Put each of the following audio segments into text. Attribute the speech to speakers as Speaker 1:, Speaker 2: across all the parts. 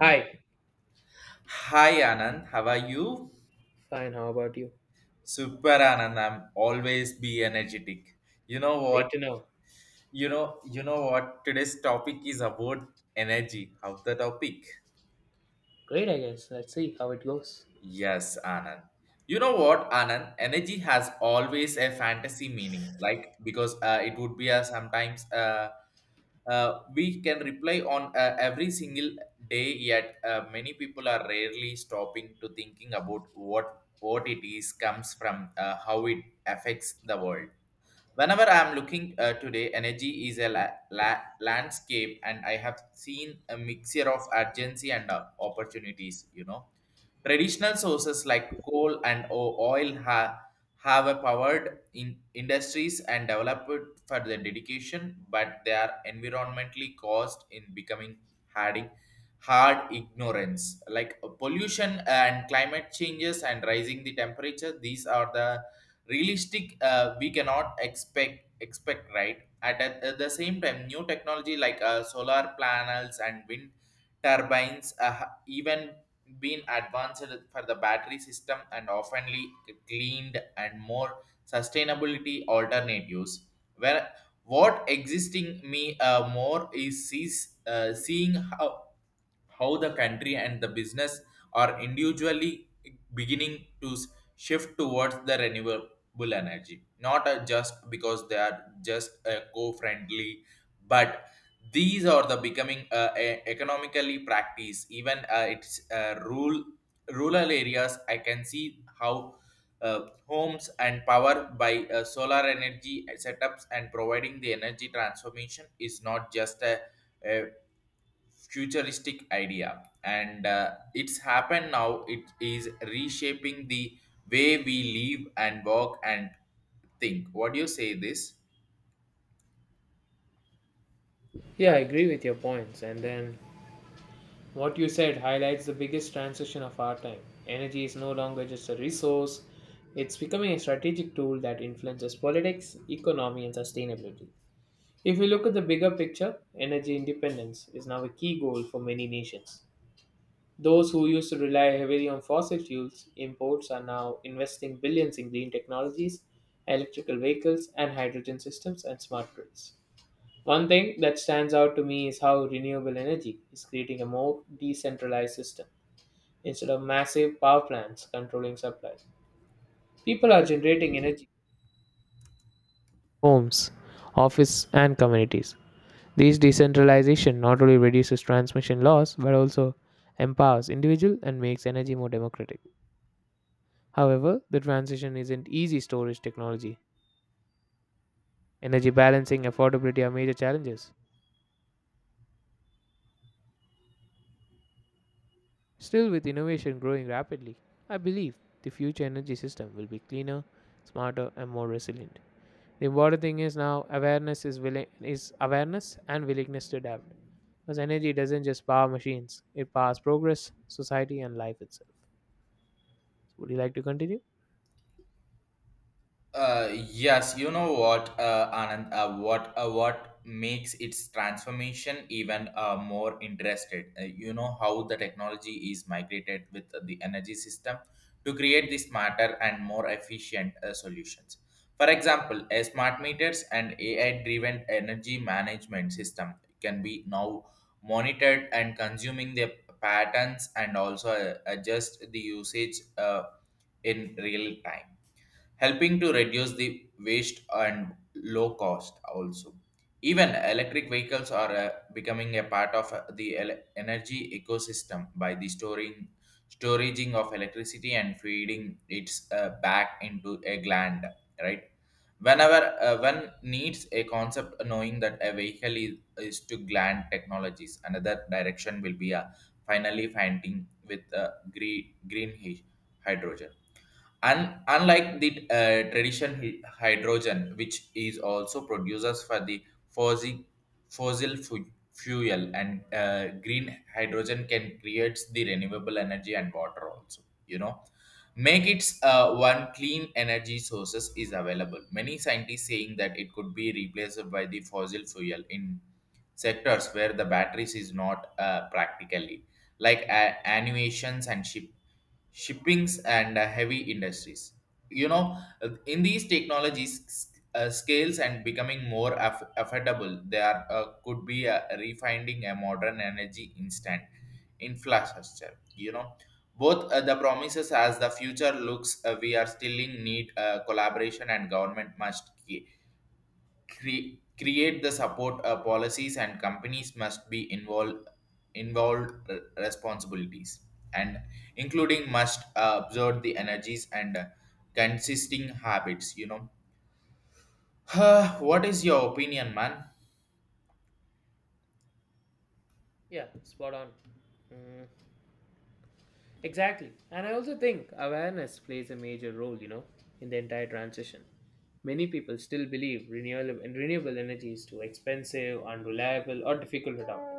Speaker 1: Hi.
Speaker 2: Hi Anand, how are you?
Speaker 1: Fine, how about you?
Speaker 2: Super Anand, I'm always be energetic. You know
Speaker 1: Great
Speaker 2: what?
Speaker 1: to know.
Speaker 2: You know what? Today's topic is about energy. How's the topic?
Speaker 1: Great, I guess. Let's see how it goes.
Speaker 2: Yes, Anand. You know what, Anand? Energy has always a fantasy meaning, like because it would be a sometimes we can reply on every single day yet many people are rarely stopping to thinking about what it is comes from, how it affects the world. Whenever I am looking, today energy is a landscape and I have seen a mixture of urgency and opportunities, you know. Traditional sources like coal and oil have a powered in industries and developed for their dedication, but they are environmentally caused in becoming harding hard ignorance like pollution and climate changes and rising the temperature. These are the realistic, we cannot expect right at the same time. New technology like solar panels and wind turbines even been advanced for the battery system and oftenly cleaned and more sustainability alternatives. Where what existing me more is sees, seeing how the country and the business are individually beginning to shift towards the renewable energy, not just because they are just co-friendly, but these are the becoming economically practice. Even it's rural areas, I can see how uh, homes and power by solar energy setups and providing the energy transformation is not just a futuristic idea, and it's happened now. It is reshaping the way we live and work and think. What do you say this?
Speaker 1: Yeah, I agree with your points. And then what you said highlights the biggest transition of our time. Energy is no longer just a resource, it's becoming a strategic tool that influences politics, economy, and sustainability. If we look at the bigger picture, energy independence is now a key goal for many nations. Those who used to rely heavily on fossil fuels imports are now investing billions in green technologies, electrical vehicles, and hydrogen systems and smart grids. One thing that stands out to me is how renewable energy is creating a more decentralized system. Instead of massive power plants controlling supplies, people are generating energy from homes, office, and communities. This decentralization not only reduces transmission loss but also empowers individuals and makes energy more democratic. However, the transition isn't easy storage technology. Energy balancing affordability are major challenges. Still with innovation growing rapidly, I believe the future energy system will be cleaner, smarter and more resilient. The important thing is now awareness is willing is awareness and willingness to adapt. Because energy doesn't just power machines, it powers progress, society and life itself. Would you like to continue?
Speaker 2: Yes, you know what, Anand, what makes its transformation even more interested. You know how the technology is migrated with the energy system to create the smarter and more efficient solutions. For example, a smart meters and AI-driven energy management system can be now monitored and consuming their patterns, and also adjust the usage in real time, helping to reduce the waste and low cost also. Even electric vehicles are becoming a part of the energy ecosystem by the storing storaging of electricity and feeding its back into a gland, right? Whenever one needs a concept knowing that a vehicle is to gland technologies, another direction will be finally finding with green hydrogen. Unlike the tradition hydrogen, which is also producers for the fossil, fossil fuel, and green hydrogen can create the renewable energy and water also. You know, make its one clean energy sources is available. Many scientists saying that it could be replaced by the fossil fuel in sectors where the batteries is not practically, like animations and shippings and heavy industries. You know, in these technologies scales and becoming more affordable, they are could be refining a modern energy instant infrastructure, you know, both the promises. As the future looks, we are still in need collaboration, and government must create the support policies, and companies must be involved responsibilities, and including must observe the energies and consisting habits, you know. What is your opinion, man?
Speaker 1: Yeah, spot on. Mm, exactly. And I also think awareness plays a major role, you know, in the entire transition. Many people still believe renewable energy is too expensive, unreliable, or difficult to adopt.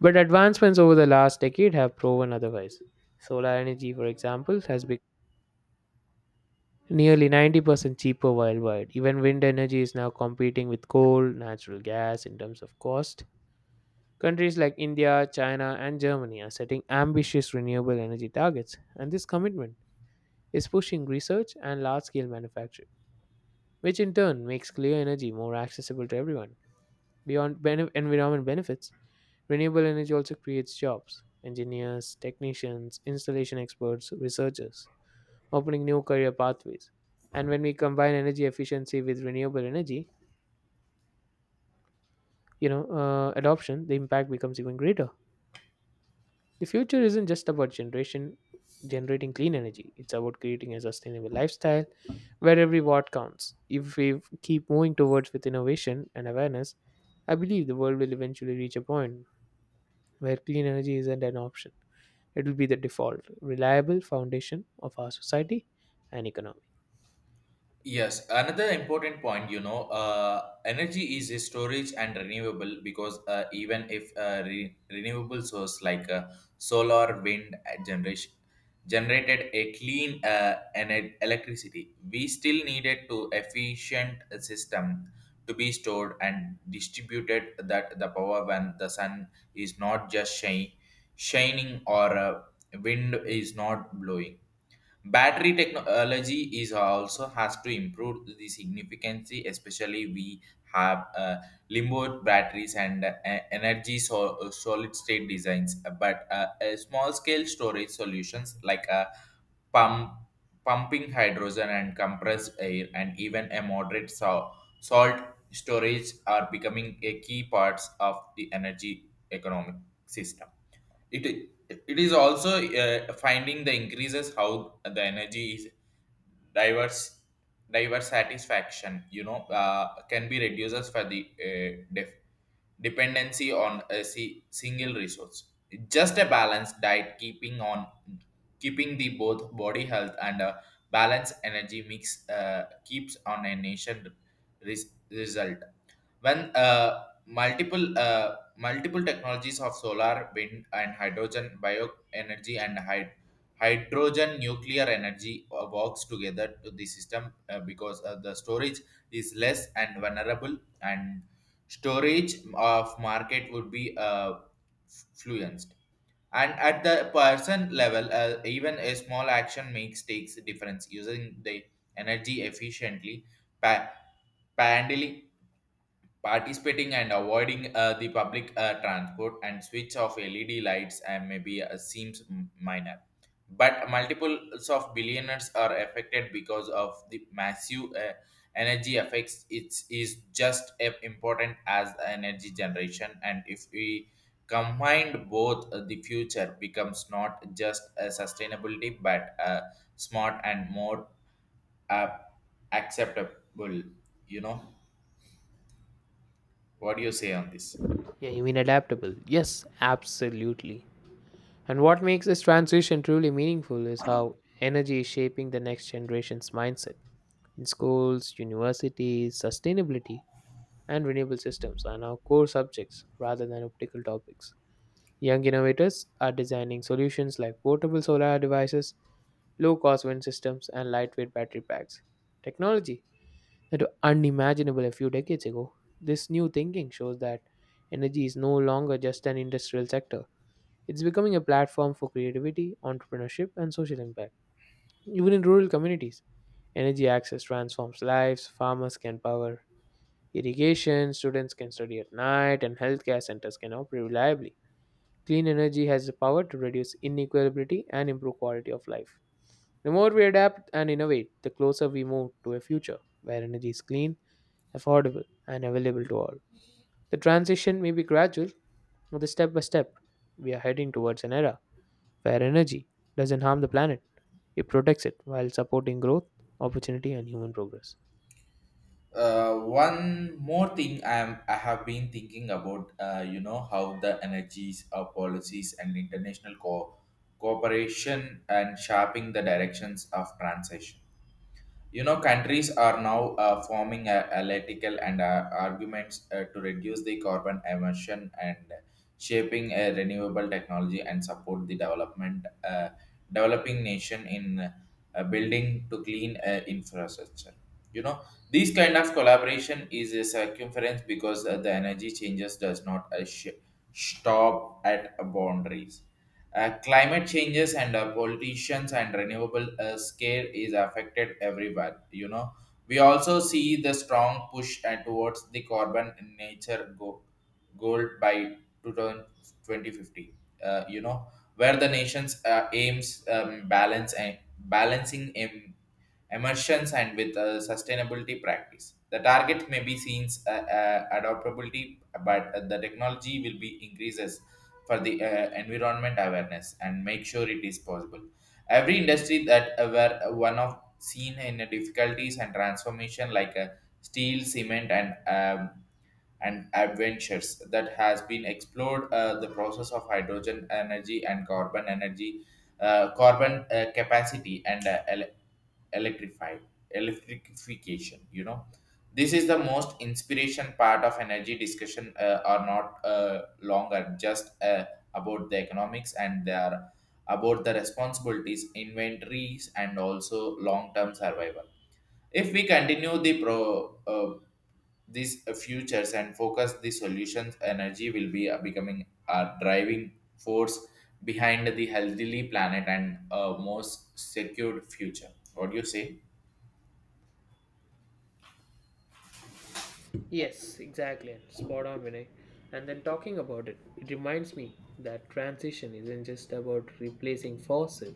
Speaker 1: But advancements over the last decade have proven otherwise. Solar energy, for example, has become nearly 90% cheaper worldwide. Even wind energy is now competing with coal, natural gas in terms of cost. Countries like India, China, and Germany are setting ambitious renewable energy targets, and this commitment is pushing research and large scale manufacturing, which in turn makes clean energy more accessible to everyone. Beyond environment benefits, renewable energy also creates jobs engineers, technicians, installation experts, researchers, opening new career pathways. And when we combine energy efficiency with renewable energy, you know, adoption, the impact becomes even greater. The future isn't just about generation generating clean energy. It's about creating a sustainable lifestyle where every watt counts. If we keep moving towards with innovation and awareness, I believe the world will eventually reach a point where clean energy isn't an option. It will be the default, reliable foundation of our society and economy.
Speaker 2: Yes, another important point, you know, energy is a storage and renewable, because even if renewable source like solar, wind, generation generated a clean electricity, we still needed to efficient system to be stored and distributed that the power when the sun is not just shining or wind is not blowing. Battery technology is also has to improve the significantly, especially we have limbo batteries and energy solid state designs. But a small scale storage solutions like a pump, pumping hydrogen and compressed air, and even a moderate salt storage are becoming a key parts of the energy economic system. It is also finding the increases how the energy is diverse diverse satisfaction, you know, can be reduces for the dependency on a single resource, just a balanced diet, keeping the both body health, and a balanced energy mix keeps on a nation result when multiple technologies of solar wind and hydrogen bioenergy and hydrogen nuclear energy works together to the system, because the storage is less and vulnerable, and storage of market would be fluenced. And at the person level, even a small action makes takes a difference using the energy efficiently, pa- handling, participating and avoiding the public transport and switch of led lights, and maybe seems minor, but multiples of billionaires are affected because of the massive energy effects. It is just as important as energy generation, and if we combined both, the future becomes not just a sustainability but a smart and more uh, acceptable, you know. What do you say on this?
Speaker 1: Yeah, you mean adaptable? Yes, absolutely. And what makes this transition truly meaningful is how energy is shaping the next generation's mindset. In schools, universities, sustainability, and renewable systems are now core subjects rather than optical topics. Young innovators are designing solutions like portable solar devices, low cost wind systems, and lightweight battery packs. Technology that were unimaginable a few decades ago. This new thinking shows that energy is no longer just an industrial sector, it's becoming a platform for creativity, entrepreneurship, and social impact. Even in rural communities, energy access transforms lives, farmers can power irrigation, students can study at night, and healthcare centers can operate reliably. Clean energy has the power to reduce inequality and improve quality of life. The more we adapt and innovate, the closer we move to a future where energy is clean, affordable, and available to all. The transition may be gradual, but step by step, we are heading towards an era. Fair energy doesn't harm the planet, it protects it while supporting growth, opportunity, and human progress.
Speaker 2: One more thing I have been thinking about, you know how the energies policies and international cooperation and shaping the directions of transition. You know, countries are now forming a analytical and arguments to reduce the carbon emission and shaping a renewable technology and support the development, developing nation in building to clean infrastructure. You know, this kind of collaboration is a circumference, because the energy changes does not stop at boundaries. Climate changes and politicians and renewable scare is affected everywhere. You know, we also see the strong push towards the carbon nature goal by two thousand twenty fifty. You know, where the nations aims, balance and balancing emissions and with sustainability practice. The target may be seen, adaptability, but the technology will be increases for the environment awareness and make sure it is possible. Every industry that were one of seen in the difficulties and transformation like steel, cement, and adventures that has been explored the process of hydrogen energy and carbon energy, carbon capacity and electrified electrification, you know. This is the most inspiration part of energy discussion, are not longer just about the economics, and they are about the responsibilities inventories and also long-term survival. If we continue the pro, uh, these futures and focus the solutions, energy will be becoming a driving force behind the healthily planet and a most secured future. What do you say?
Speaker 1: Yes, exactly. Spot on, Vinay. And then talking about it, it reminds me that transition isn't just about replacing fossil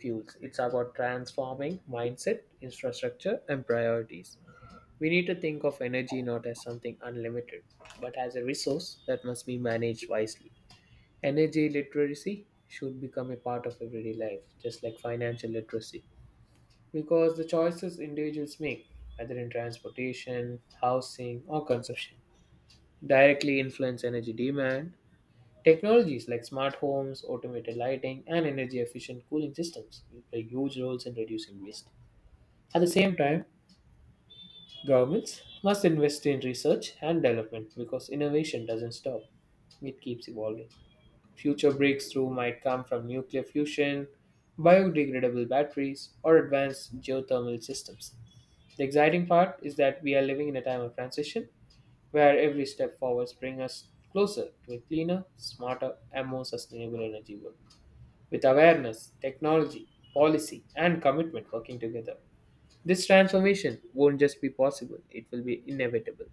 Speaker 1: fuels, it's about transforming mindset, infrastructure, and priorities. We need to think of energy not as something unlimited, but as a resource that must be managed wisely. Energy literacy should become a part of everyday life, just like financial literacy, because the choices individuals make, whether in transportation, housing, or consumption, directly influence energy demand. Technologies like smart homes, automated lighting, and energy efficient cooling systems will play huge roles in reducing waste. At the same time, governments must invest in research and development because innovation doesn't stop, it keeps evolving. Future breakthrough might come from nuclear fusion, biodegradable batteries, or advanced geothermal systems. The exciting part is that we are living in a time of transition where every step forwards brings us closer to a cleaner, smarter, and more sustainable energy world. With awareness, technology, policy, and commitment working together, this transformation won't just be possible, it will be inevitable.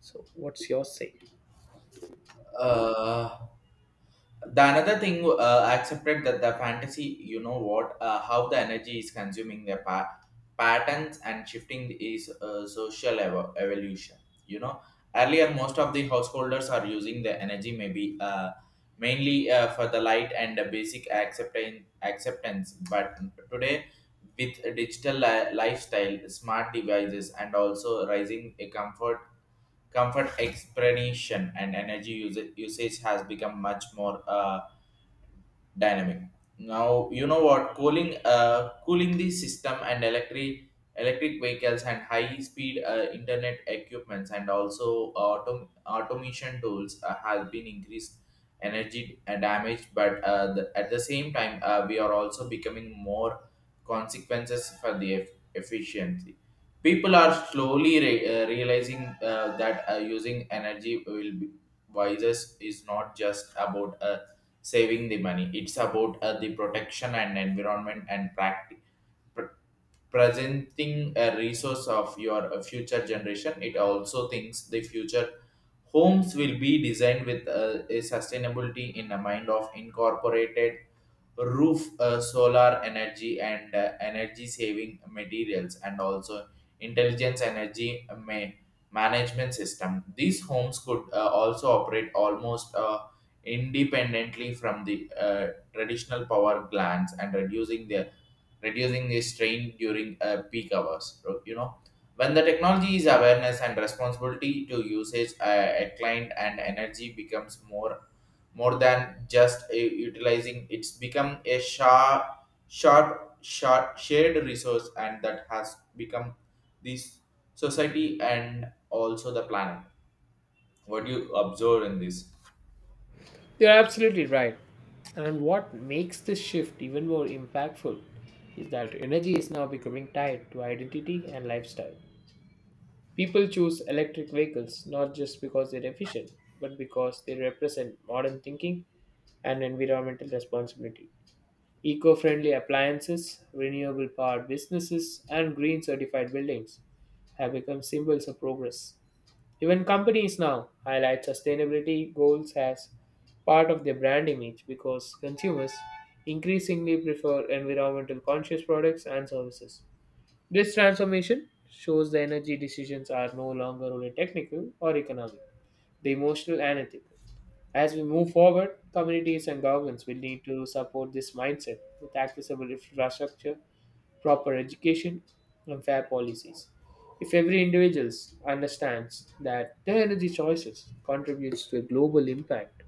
Speaker 1: So, what's your say?
Speaker 2: Uh, the another thing I accepted that the fantasy, you know what, how the energy is consuming their patterns and shifting is social evolution. You know, earlier most of the householders are using the energy maybe mainly for the light and the basic acceptance, but today, with digital lifestyle smart devices and also rising a comfort. Comfort, explanation, and energy usage has become much more dynamic. Now you know what, cooling the system and electric vehicles and high speed internet equipments and also automation tools has been increased energy and damage, but at the same time we are also becoming more consequences for the efficiency. People are slowly realizing that using energy will be wisest is not just about saving the money. It's about the protection and environment and practice. Presenting a resource of your future generation, it also thinks the future homes will be designed with a sustainability in the mind of incorporated roof solar energy and energy saving materials and also intelligence energy management system. These homes could also operate almost independently from the traditional power plants, and reducing the strain during peak hours. So, you know, when the technology is awareness and responsibility to usage, a client and energy becomes more than just a utilizing. It's become a sharp sharp, sharp shared resource, and that has become this society and also the planet. What do you observe in this?
Speaker 1: You're absolutely right. And what makes this shift even more impactful is that energy is now becoming tied to identity and lifestyle. People choose electric vehicles not just because they're efficient, but because they represent modern thinking and environmental responsibility. Eco friendly appliances, renewable power businesses, and green certified buildings have become symbols of progress. Even companies now highlight sustainability goals as part of their brand image because consumers increasingly prefer environmental conscious products and services. This transformation shows the energy decisions are no longer only technical or economic, they emotional and ethical. As we move forward, communities and governments will need to support this mindset with accessible infrastructure, proper education, and fair policies. If every individual understands that their energy choices contributes to a global impact,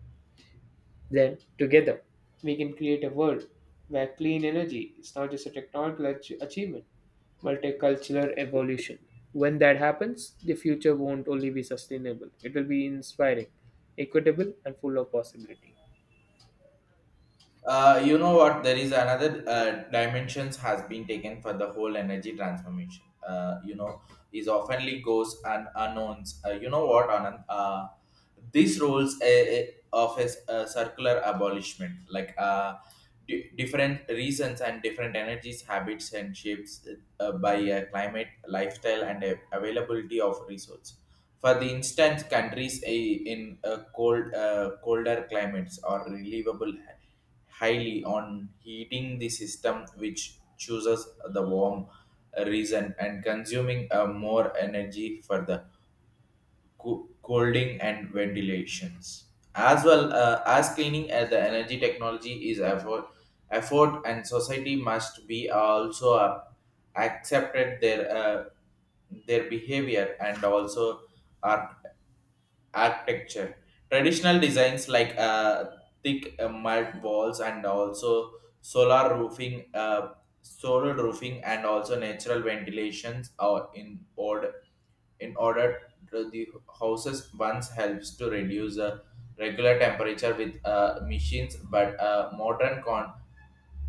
Speaker 1: then, together, we can create a world where clean energy is not just a technological achievement, but a cultural evolution. When that happens, the future won't only be sustainable, it will be inspiring, equitable, and full of possibility.
Speaker 2: You know what? There is another dimensions has been taken for the whole energy transformation. You know, is oftenly goes and unknowns. You know what, Anand? These rules of a circular abolishment, like di different reasons and different energies, habits, and shapes by climate, lifestyle, and availability of resource for the instance, countries in colder climates are highly on heating the system, which chooses the warm region and consuming more energy for the cooling and ventilations. As well as cleaning, the energy technology is effort, and society must be also accepted their their behavior and also are architecture. Traditional designs like thick mud walls and also solar roofing, uh, solar roofing, and also natural ventilations are in order to the houses once helps to reduce regular temperature with machines, but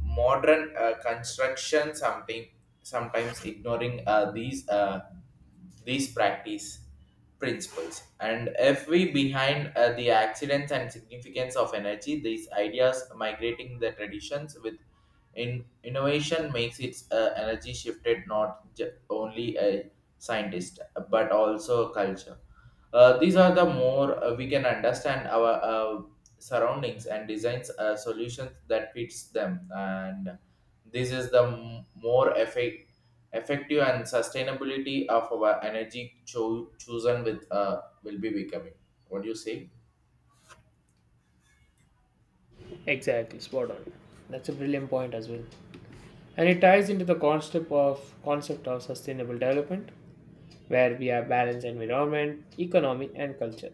Speaker 2: modern construction something sometimes ignoring these practice principles, and if we behind the accidents and significance of energy, these ideas migrating the traditions with in innovation makes its energy shifted not only a scientist but also culture. These are the more we can understand our surroundings and designs solutions that fits them, and this is the more effective and sustainability of our energy chosen with will be becoming. What do you say?
Speaker 1: Exactly, spot on. That's a brilliant point as well. And it ties into the concept of sustainable development, where we have balanced environment, economy, and culture.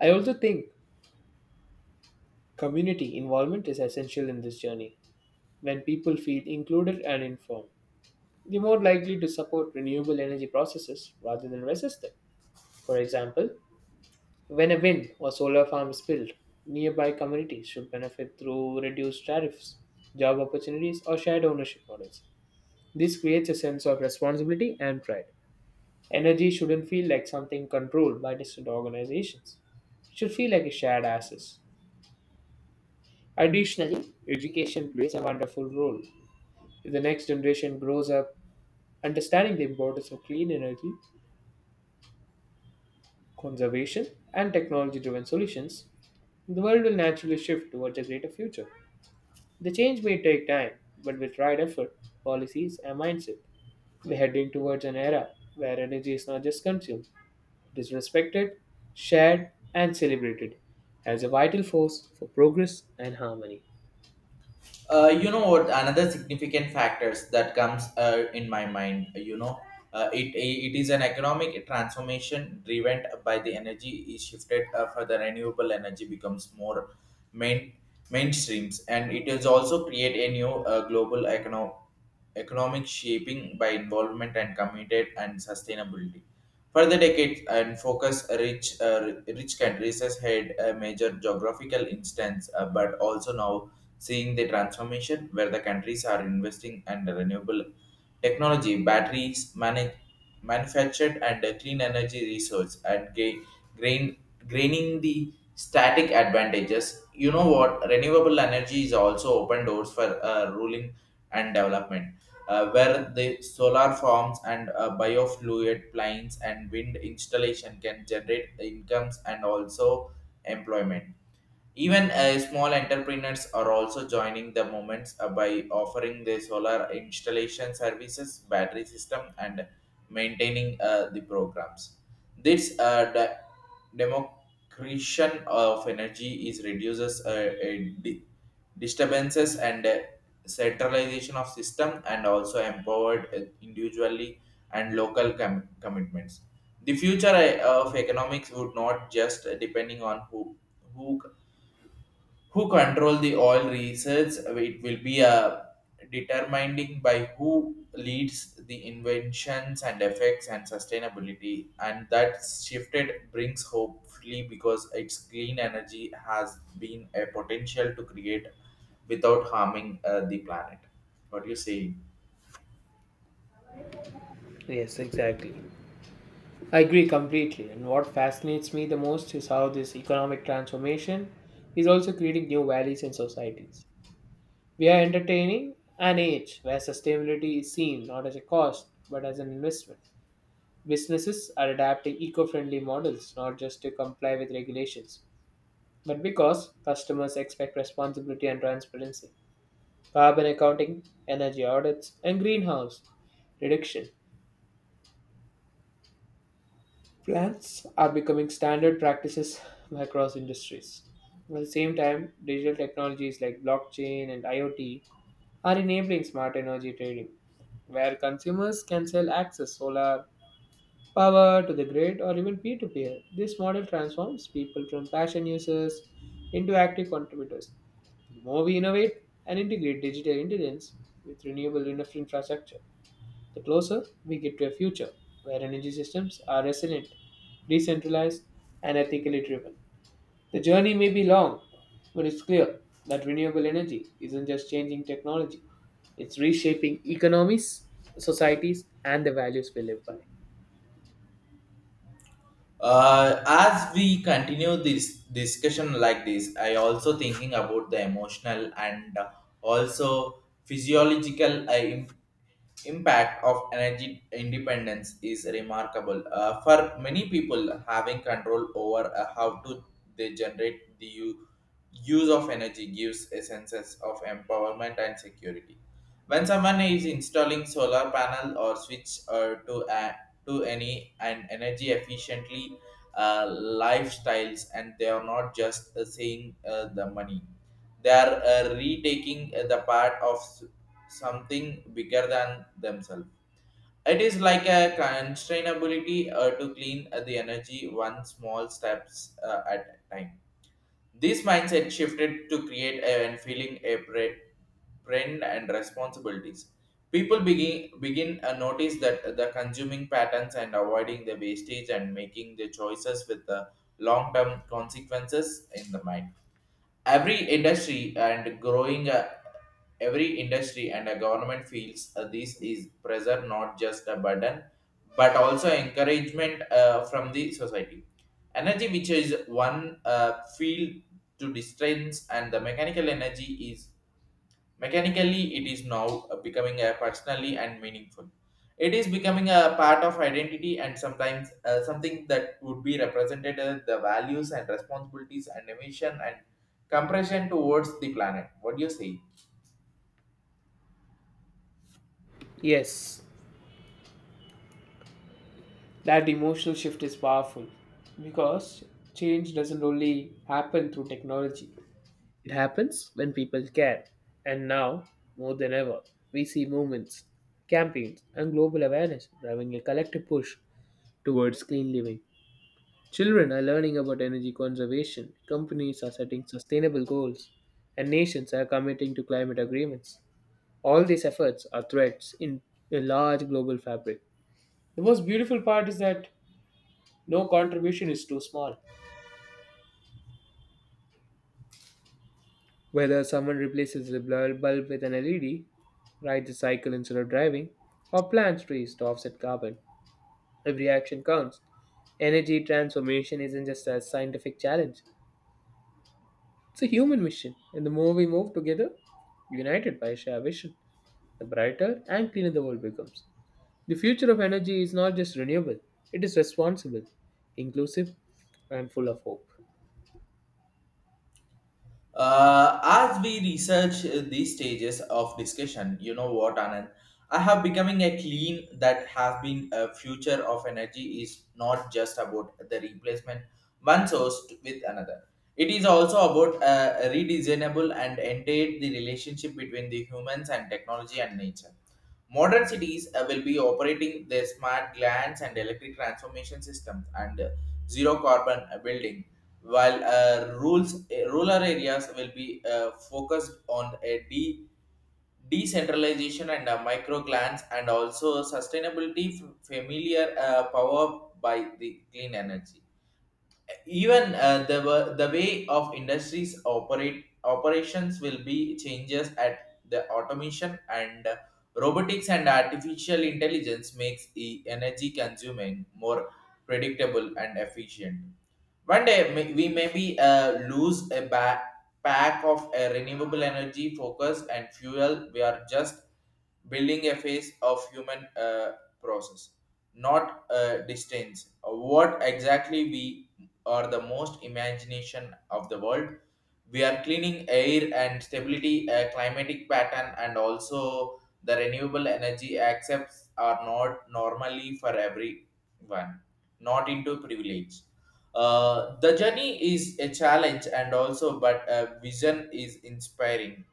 Speaker 1: I also think community involvement is essential in this journey. When people feel included and informed, they're more likely to support renewable energy processes rather than resist them. For example, when a wind or solar farm is built, nearby communities should benefit through reduced tariffs, job opportunities, or shared ownership models. This creates a sense of responsibility and pride. Energy shouldn't feel like something controlled by distant organizations. It should feel like a shared asset. Additionally, education plays a wonderful role. If the next generation grows up understanding the importance of clean energy, conservation, and technology driven solutions, the world will naturally shift towards a greater future. The change may take time, but with right effort, policies, and mindset, we're heading towards an era where energy is not just consumed, it is respected, shared, and celebrated as a vital force for progress and harmony.
Speaker 2: You know what? Another significant factors that comes in my mind. You know, it is an economic transformation driven by the energy is shifted for the renewable energy becomes more main mainstreams, and it is also create a new global economic shaping by involvement and committed and sustainability. Further decades and focus rich countries has had a major geographical instance, but also now seeing the transformation where the countries are investing in renewable technology, batteries, manufactured and clean energy resource, and grain, graining the static advantages. You know what? Renewable energy is also open doors for ruling and development where the solar farms and biofluid plants and wind installation can generate incomes and also employment. Even small entrepreneurs are also joining the movements by offering their solar installation services, battery system, and maintaining the programs. This democration of energy is reduces di- disturbances and centralization of system, and also empowered individually and local commitments. The future of economics would not just depending on who who control the oil research. It will be a determining by who leads the inventions and effects and sustainability, and that shifted brings hopefully because its clean energy has been a potential to create without harming the planet. What do you say?
Speaker 1: Yes, exactly. I agree completely. And what fascinates me the most is how this economic transformation is also creating new values in societies. We are entertaining an age where sustainability is seen not as a cost but as an investment. Businesses are adapting eco friendly models not just to comply with regulations, but because customers expect responsibility and transparency. Carbon accounting, energy audits, and greenhouse reduction plans are becoming standard practices across industries. At the same time, digital technologies like blockchain and IoT are enabling smart energy trading, where consumers can sell access solar power to the grid or even peer to peer. This model transforms people from passion users into active contributors. The more we innovate and integrate digital intelligence with renewable enough infrastructure, the closer we get to a future where energy systems are resilient, decentralized, and ethically driven. The journey may be long, but it's clear that renewable energy isn't just changing technology, it's reshaping economies, societies, and the values we live by.
Speaker 2: As we continue this discussion like this, I also thinking about the emotional and also physiological impact of energy independence is remarkable. For many people, having control over how to they generate the use of energy gives a sense of empowerment and security. When someone is installing solar panel or switch to any and energy efficiently lifestyles, and they are not just saying the money, they are retaking the part of something bigger than themselves. It is like a constrainability to clean the energy one small steps at a time. This mindset shifted to create a and feeling a trend and responsibilities. People begin notice that the consuming patterns and avoiding the wastage and making the choices with the long term consequences in the mind. Every industry and growing every industry and a government feels this is pressure not just a burden but also encouragement from the society. Energy which is one field to distance and the mechanical energy is. Mechanically, it is now becoming a personally and meaningful. It is becoming a part of identity and sometimes something that would be represented as the values and responsibilities and emission and compression towards the planet. What do you say?
Speaker 1: Yes, that emotional shift is powerful because change doesn't only happen through technology, it happens when people care. And now, more than ever, we see movements, campaigns, and global awareness driving a collective push towards clean living. Children are learning about energy conservation, companies are setting sustainable goals, and nations are committing to climate agreements. All these efforts are threads in a large global fabric. The most beautiful part is that no contribution is too small. Whether someone replaces a bulb with an LED, rides a cycle instead of driving, or plants trees to offset carbon, every action counts. Energy transformation isn't just a scientific challenge, it's a human mission. And the more we move together, united by a shared vision, the brighter and cleaner the world becomes. The future of energy is not just renewable, it is responsible, inclusive, and full of hope.
Speaker 2: As we research these stages of discussion, you know what, Anand, I have becoming a clean that has been a future of energy is not just about the replacement one source with another. It is also about a redesignable and entire the relationship between the humans and technology and nature. Modern cities will be operating their smart glands and electric transformation systems and zero carbon building, while rural areas will be focused on a decentralization and micro grants and also sustainability familiar power by the clean energy. Even the way of industries operate operations will be changes at the automation and robotics and artificial intelligence makes the energy consuming more predictable and efficient. One day we may be lose a pack of a renewable energy focus and fuel. We are just building a face of human process, not distance. What exactly we are the most imagination of the world. We are cleaning air and stability, climatic pattern, and also the renewable energy accepts are not normally for everyone, not into privilege. The journey is a challenge and also, but vision is inspiring,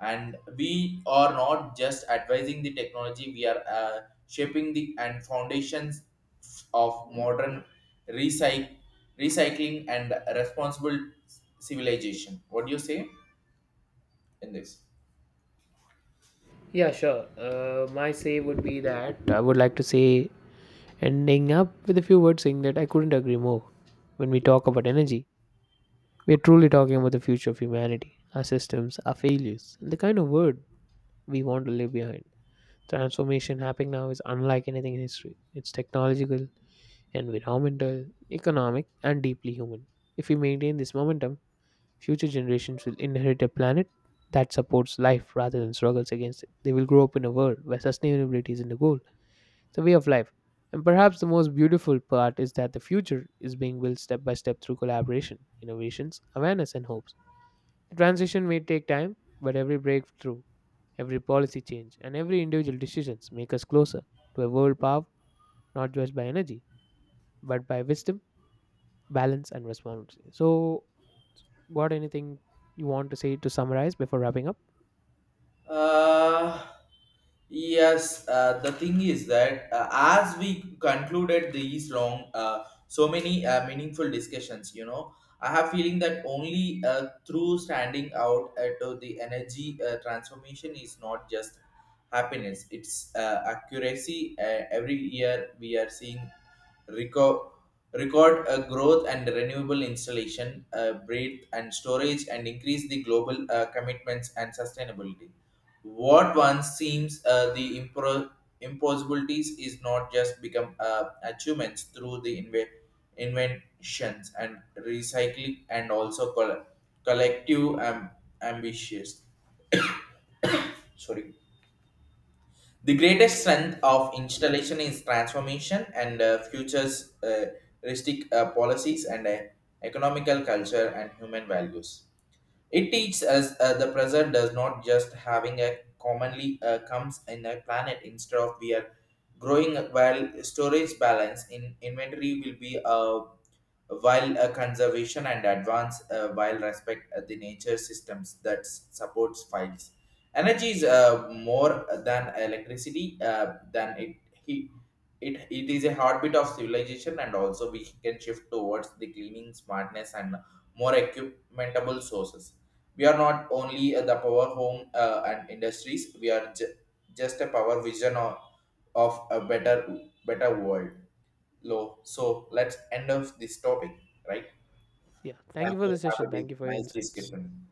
Speaker 2: and we are not just advising the technology. We are shaping the and foundations of modern recyc- recycling and responsible civilization. What do you say in this?
Speaker 1: Yeah, sure. My say would be that I would like to say, ending up with a few words saying that I couldn't agree more. When we talk about energy, we are truly talking about the future of humanity, our systems, our failures, and the kind of world we want to leave behind. Transformation happening now is unlike anything in history. It's technological, environmental, economic, and deeply human. If we maintain this momentum, future generations will inherit a planet that supports life rather than struggles against it. They will grow up in a world where sustainability isn't a goal, it's a way of life. And perhaps the most beautiful part is that the future is being built step by step through collaboration, innovations, awareness, and hopes. The transition may take time, but every breakthrough, every policy change, and every individual decisions make us closer to a world power not just by energy, but by wisdom, balance, and responsibility. So, got anything you want to say to summarize before wrapping up?
Speaker 2: uh, Yes, the thing is that as we concluded these long, so many meaningful discussions, you know, I have feeling that only through standing out at the energy transformation is not just happiness; it's accuracy. Every year we are seeing record record growth and renewable installation, breadth and storage, and increase the global commitments and sustainability. What once seems the impossibilities is not just become achievements through the inventions and recycling and also collective ambitions. Sorry. The greatest strength of installation is transformation and futures realistic policies and economical culture and human values. It teaches us the present does not just having a commonly comes in a planet instead of we are growing while storage balance in inventory will be while conservation and advance while respect the nature systems that supports files. Energy is more than electricity than he it is a heartbeat of civilization, and also we can shift towards the cleaning smartness and more equipmentable sources. We are not only the power home and industries. We are just a power vision of a better world. Low. So let's end of this topic, right?
Speaker 1: Yeah. Thank
Speaker 2: Thank
Speaker 1: you for the
Speaker 2: you. Have
Speaker 1: session.
Speaker 2: a
Speaker 1: Thank you for your
Speaker 2: nice
Speaker 1: insights.
Speaker 2: discussion.